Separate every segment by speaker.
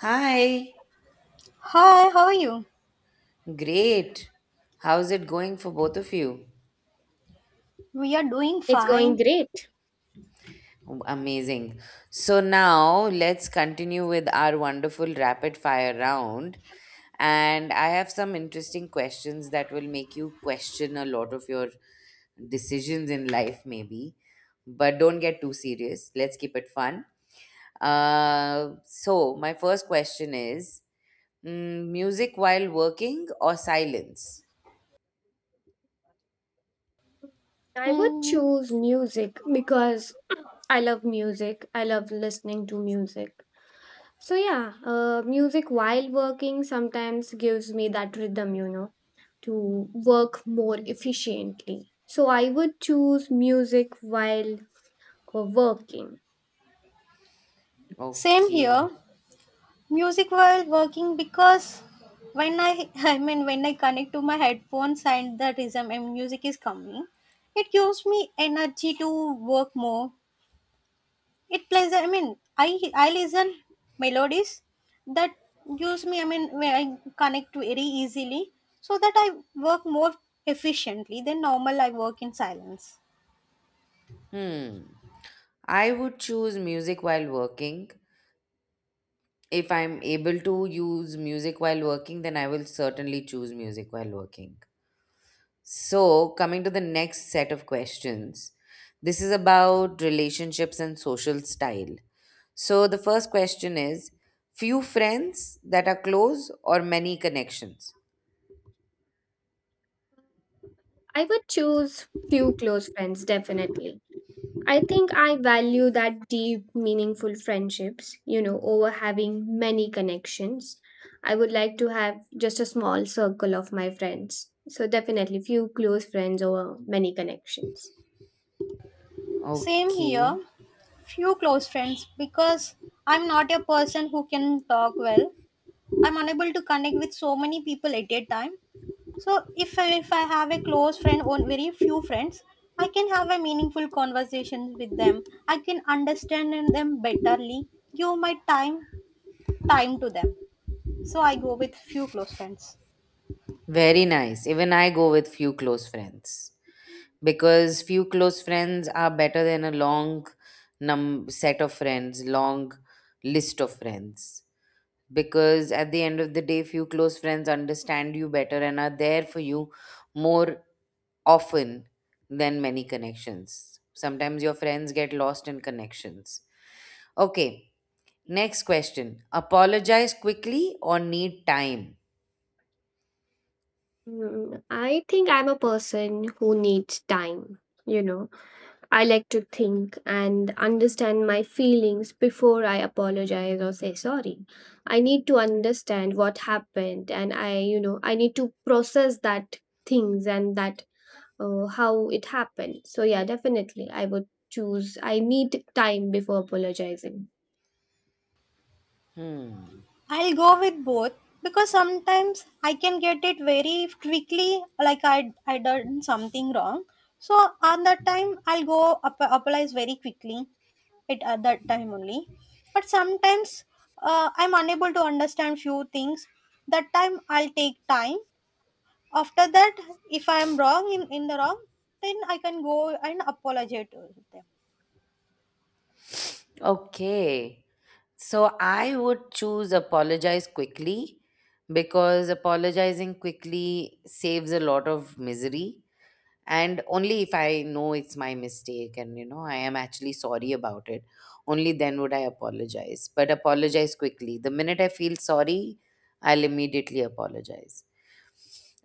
Speaker 1: Hi,
Speaker 2: Hi, how are you?
Speaker 1: great. How's it going for both of you?
Speaker 2: We are doing
Speaker 3: It's going
Speaker 2: fine.
Speaker 3: great.
Speaker 1: Amazing. So now let's continue with our wonderful rapid fire round. And I have some interesting questions that will make you question a lot of your decisions in life, maybe. But don't get too serious. Let's keep it fun. So my first question is music while working or silence?
Speaker 3: I would
Speaker 2: Hmm.
Speaker 3: choose music because I love music. I love listening to music. So, yeah, music while working sometimes gives me that rhythm, to work more efficiently. So, I would choose music while working.
Speaker 2: Same
Speaker 1: Okay.
Speaker 2: here. Music while working because when I I mean when I connect to my headphones and the rhythm and music is coming, it gives me energy to work more. It plays I listen melodies that gives me where I connect very easily so that I work more efficiently than normal I work in silence.
Speaker 1: Hmm. I would choose music while working. If I'm able to use music while working, then I will certainly choose music while working. So, coming to the next set of questions, this is about relationships and social style. So, the first question is few friends that are close or many connections?
Speaker 3: I would choose few close friends, definitely. I think I value that deep, meaningful friendships, over having many connections. I would like to have just a small circle of my friends. So, definitely few close friends over many connections.
Speaker 2: Same
Speaker 1: Okay,
Speaker 2: here. Few close friends because I'm not a person who can talk well. I'm unable to connect with so many people at a time. So if I have a close friend or very few friends, I can have a meaningful conversation with them. I can understand them betterly. Give my time to them. So I go with few close friends.
Speaker 1: very nice. Even I go with few close friends, because few close friends are better than a long num set of friends, long list of friends. Because at the end of the day, few close friends understand you better and are there for you more often than many connections. Sometimes your friends get lost in connections. Okay, next question. Apologize quickly or need time?
Speaker 3: Mm, I think I'm a person who needs time, you know. I like to think and understand my feelings before I apologize or say sorry. I need to understand what happened and I need to process that things and that how it happened. So, yeah, definitely I need time before apologizing.
Speaker 1: Hmm.
Speaker 2: I'll go with both because sometimes I can get it very quickly, like I done something wrong. So on that time, I'll go up, apologize very quickly. It at that time only. But sometimes I'm unable to understand few things. That time I'll take time. After that, if I am in the wrong, then I can go and apologize to them.
Speaker 1: Okay. So I would choose apologize quickly because apologizing quickly saves a lot of misery, and only if I know it's my mistake and I am actually sorry about it, only then would I apologize. But apologize quickly, the minute I feel sorry I'll immediately apologize.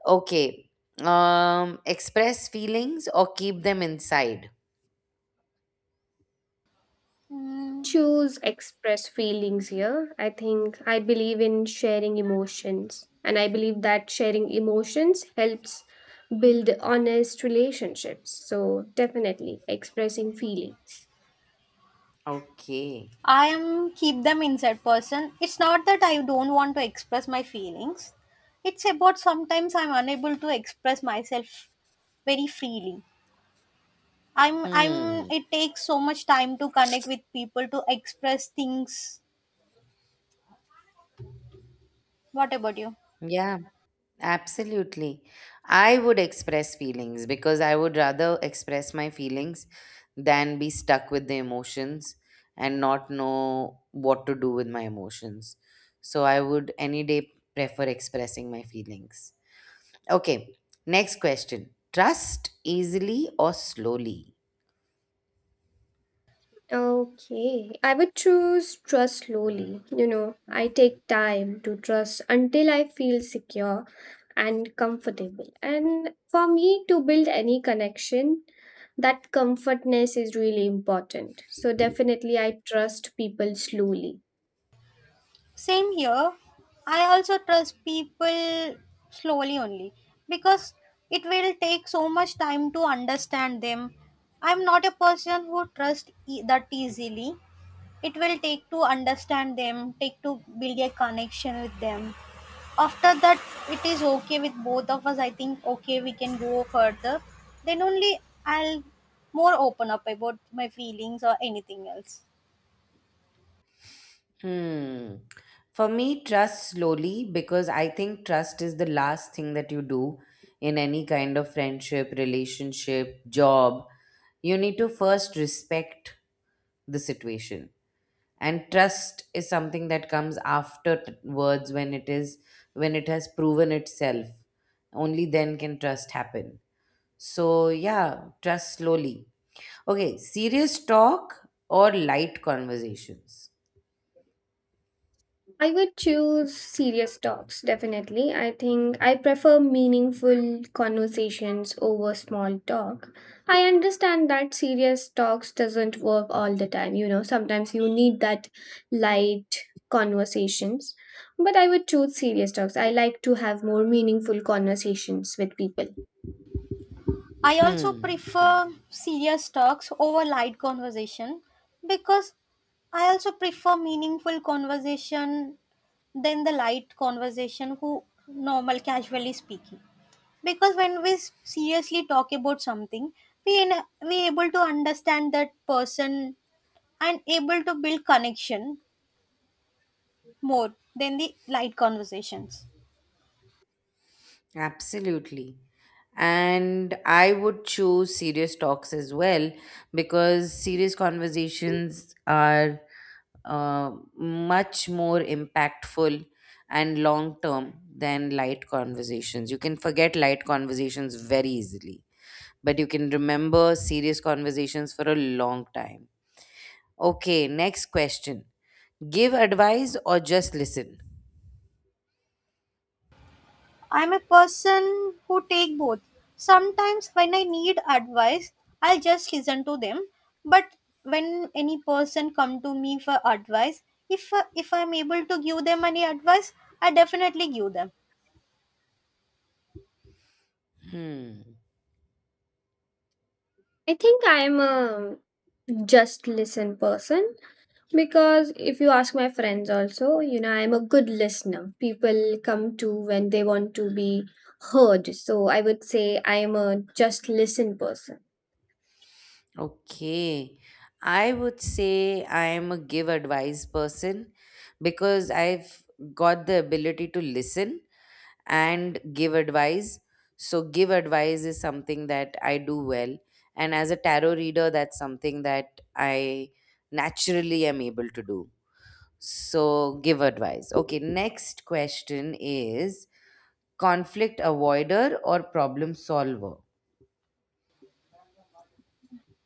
Speaker 1: Okay. Express feelings or keep them inside?
Speaker 3: Choose express feelings here. I think I believe in sharing emotions, and I believe that sharing emotions helps build honest relationships. So, definitely expressing feeling.
Speaker 1: Okay.
Speaker 2: I am keep them inside person. It's not that I don't want to express my feelings. It's about sometimes I'm unable to express myself very freely. I'm
Speaker 1: Hmm.
Speaker 2: it takes so much time to connect with people to express things. What about you?
Speaker 1: Yeah. Absolutely. I would express feelings because I would rather express my feelings than be stuck with the emotions and not know what to do with my emotions. So I would any day prefer expressing my feelings. Okay, next question. Trust easily or slowly?
Speaker 3: Okay, I would choose trust slowly. You know, I take time to trust until I feel secure and comfortable. And for me to build any connection, that comfortness is really important. So, definitely, I trust people slowly.
Speaker 2: Same here. I also trust people slowly only because it will take so much time to understand them. I'm not a person who trusts that easily. It will take to understand them, take to build a connection with them. After that it is okay with both of us, I think. Okay, we can go further, then only I'll more open up about my feelings or anything else.
Speaker 1: Hmm. For me, trust slowly, because I think trust is the last thing that you do in any kind of friendship, relationship, job. You need to first respect the situation, and trust is something that comes after words, when it is, when it has proven itself, only then can trust happen. So yeah, trust slowly. Okay, serious talk or light conversations?
Speaker 3: I would choose serious talks, definitely. I think I prefer meaningful conversations over small talk. I understand that serious talks doesn't work all the time, you know. Sometimes you need that light conversations. But I would choose serious talks. I like to have more meaningful conversations with people.
Speaker 2: I also
Speaker 1: Hmm.
Speaker 2: prefer serious talks over light conversation because I also prefer meaningful conversation than the light conversation who normal casually speaking, because when we seriously talk about something we in, we able to understand that person and able to build connection more than the light conversations.
Speaker 1: Absolutely. And I would choose serious talks as well, because serious conversations are uh, much more impactful and long term than light conversations. You can forget light conversations very easily, but you can remember serious conversations for a long time. Okay, next question. Give advice or just listen?
Speaker 2: I'm a person who take both. Sometimes when I need advice I'll just listen to them, but when any person come to me for advice, if I'm able to give them any advice I definitely give them.
Speaker 1: Hmm.
Speaker 3: I think I am a just listen person. Because if you ask my friends also, you know, I'm a good listener. People come to when they want to be heard. So I would say I'm a just listen person.
Speaker 1: Okay. I would say I am a give advice person, because I've got the ability to listen and give advice. So, give advice is something that I do well. And as a tarot reader, that's something that I naturally am able to do. So, give advice. Okay, next question is conflict avoider or problem solver?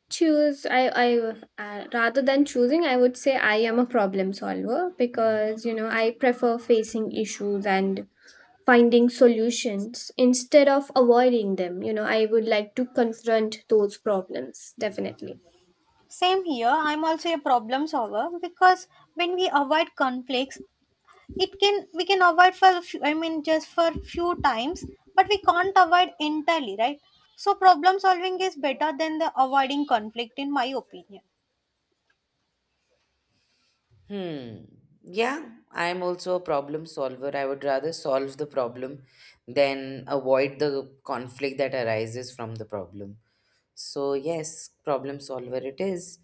Speaker 3: Choose, I rather than choosing, I would say I am a problem solver because, you know, I prefer facing issues and finding solutions instead of avoiding them. You know, I would like to confront those problems, definitely.
Speaker 2: Same here. I'm also a problem solver because when we avoid conflicts it can we can avoid for a few, I mean just for few times, but we can't avoid entirely, right? So problem solving is better than the avoiding conflict in my opinion.
Speaker 1: Hmm. Yeah, I'm also a problem solver. I would rather solve the problem than avoid the conflict that arises from the problem. So, yes, problem solver it is.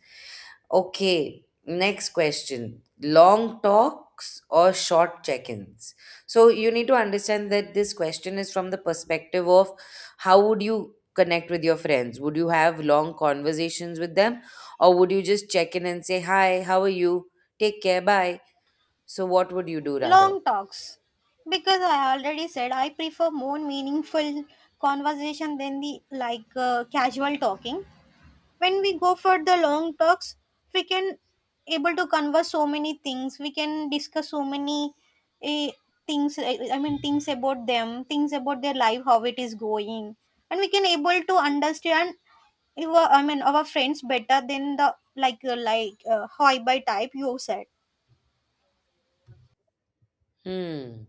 Speaker 1: Okay, next question. Long talks or short check ins? So, you need to understand that this question is from the perspective of how would you connect with your friends? Would you have long conversations with them, or would you just check in and say, "Hi, how are you? Take care, bye." So, what would you do
Speaker 2: Long
Speaker 1: rather?
Speaker 2: talks, because I already said I prefer more meaningful conversation than the like casual talking. When we go for the long talks, we can able to converse so many things, we can discuss so many eh, things, I mean things about them, things about their life, how it is going, and we can able to understand your I mean our friends better than the like high by type you said.
Speaker 1: Hmm.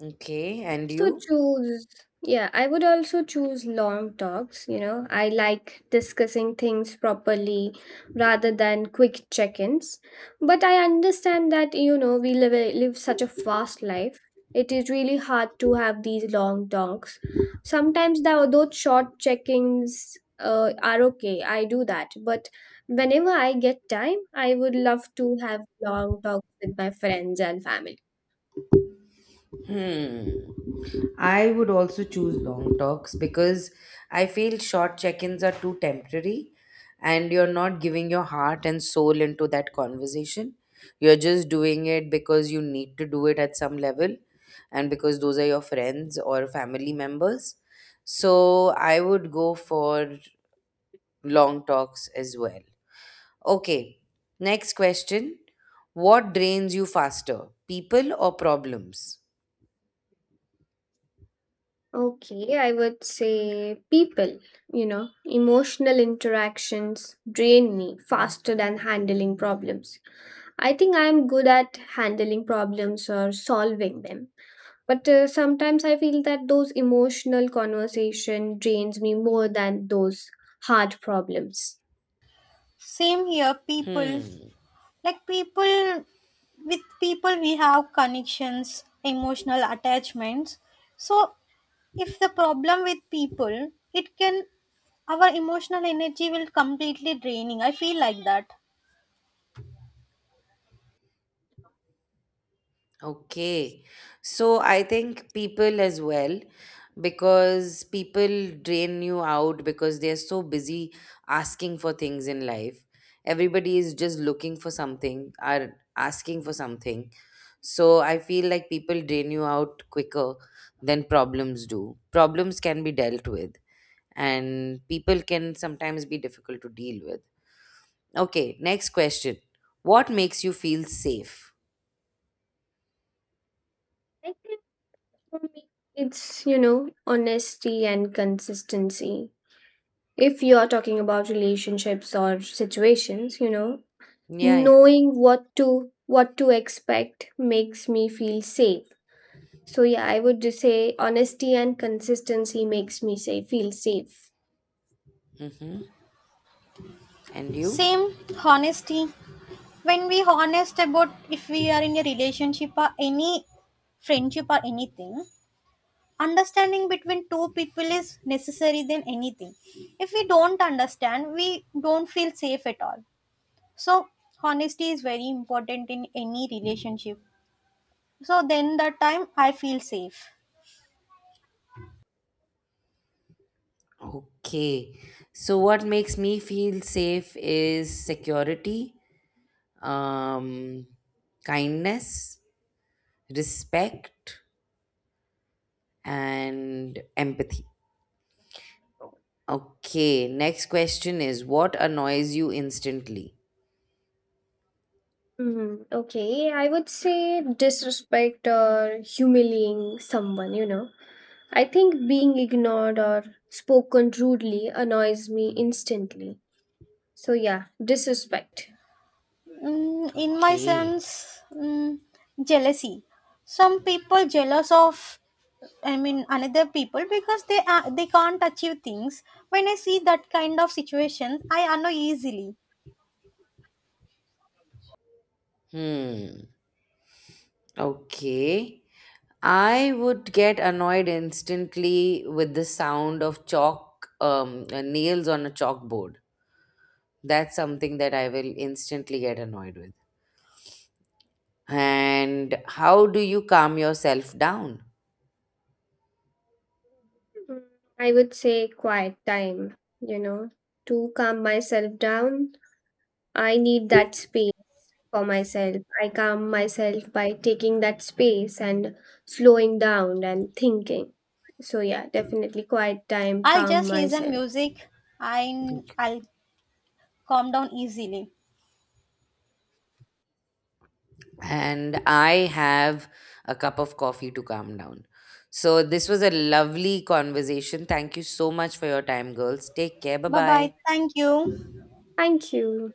Speaker 1: Okay, and
Speaker 3: So
Speaker 1: you?
Speaker 3: choose, yeah, I would also choose long talks. You know, I like discussing things properly rather than quick check ins. But I understand that, you know, we live such a fast life. It is really hard to have these long talks. Sometimes, though, those short check ins are okay. I do that. But whenever I get time, I would love to have long talks with my friends and family.
Speaker 1: Hmm. I would also choose long talks, because I feel short check ins are too temporary and you're not giving your heart and soul into that conversation. You're just doing it because you need to do it at some level, and because those are your friends or family members. So I would go for long talks as well. Okay, next question. What drains you faster, people or problems?
Speaker 3: Okay, I would say people, you know, emotional interactions drain me faster than handling problems. I think I am good at handling problems or solving them, but sometimes I feel that those emotional conversation drains me more than those hard problems.
Speaker 2: Same here, people.
Speaker 1: Hmm.
Speaker 2: Like people, with people we have connections, emotional attachments. So if the problem with people, it can our emotional energy will completely draining, I feel like that.
Speaker 1: Okay. So I think people as well, because people drain you out because they're so busy asking for things in life. Everybody is just looking for something, are asking for something. So I feel like people drain you out quicker than problems do. Problems can be dealt with, and people can sometimes be difficult to deal with. Okay, next question. What makes you feel safe?
Speaker 3: I think for me, it's, you know, honesty and consistency. If you're talking about relationships or situations, you know,
Speaker 1: Yeah, yeah.
Speaker 3: knowing what to expect makes me feel safe. So yeah, I would just say honesty and consistency makes me say feel safe.
Speaker 1: Mm-hmm. And you?
Speaker 2: Same. Honesty. When we honest about if we are in a relationship or any friendship or anything, understanding between two people is necessary than anything. If we don't understand we don't feel safe at all. So honesty is very important in any relationship, so then that time I feel safe.
Speaker 1: Okay. So what makes me feel safe is security, um, kindness, respect, and empathy. Okay. Next question is, what annoys you instantly?
Speaker 3: Mm, okay, I would say disrespect or humiliating someone, you know. I think being ignored or spoken rudely annoys me instantly. So yeah, disrespect.
Speaker 2: In my
Speaker 1: Okay.
Speaker 2: sense, jealousy. Some people jealous of, I mean, another people because they can't achieve things. When I see that kind of situations, I annoy easily.
Speaker 1: Hmm. Okay. I would get annoyed instantly with the sound of chalk, nails on a chalkboard. That's something that I will instantly get annoyed with. And how do you calm yourself down?
Speaker 3: Mm, I would say quiet time, you know, to calm myself down. I need that space for myself. I calm myself by taking that space and slowing down and thinking. So yeah, definitely quiet time,
Speaker 2: I'll
Speaker 3: calm
Speaker 2: just listen
Speaker 3: myself.
Speaker 2: music. I'll calm down easily.
Speaker 1: And I have a cup of coffee to calm down. So this was a lovely conversation. Thank you so much for your time, girls. Take care, bye
Speaker 2: Bye bye.
Speaker 1: bye.
Speaker 2: Thank you.
Speaker 3: Thank you.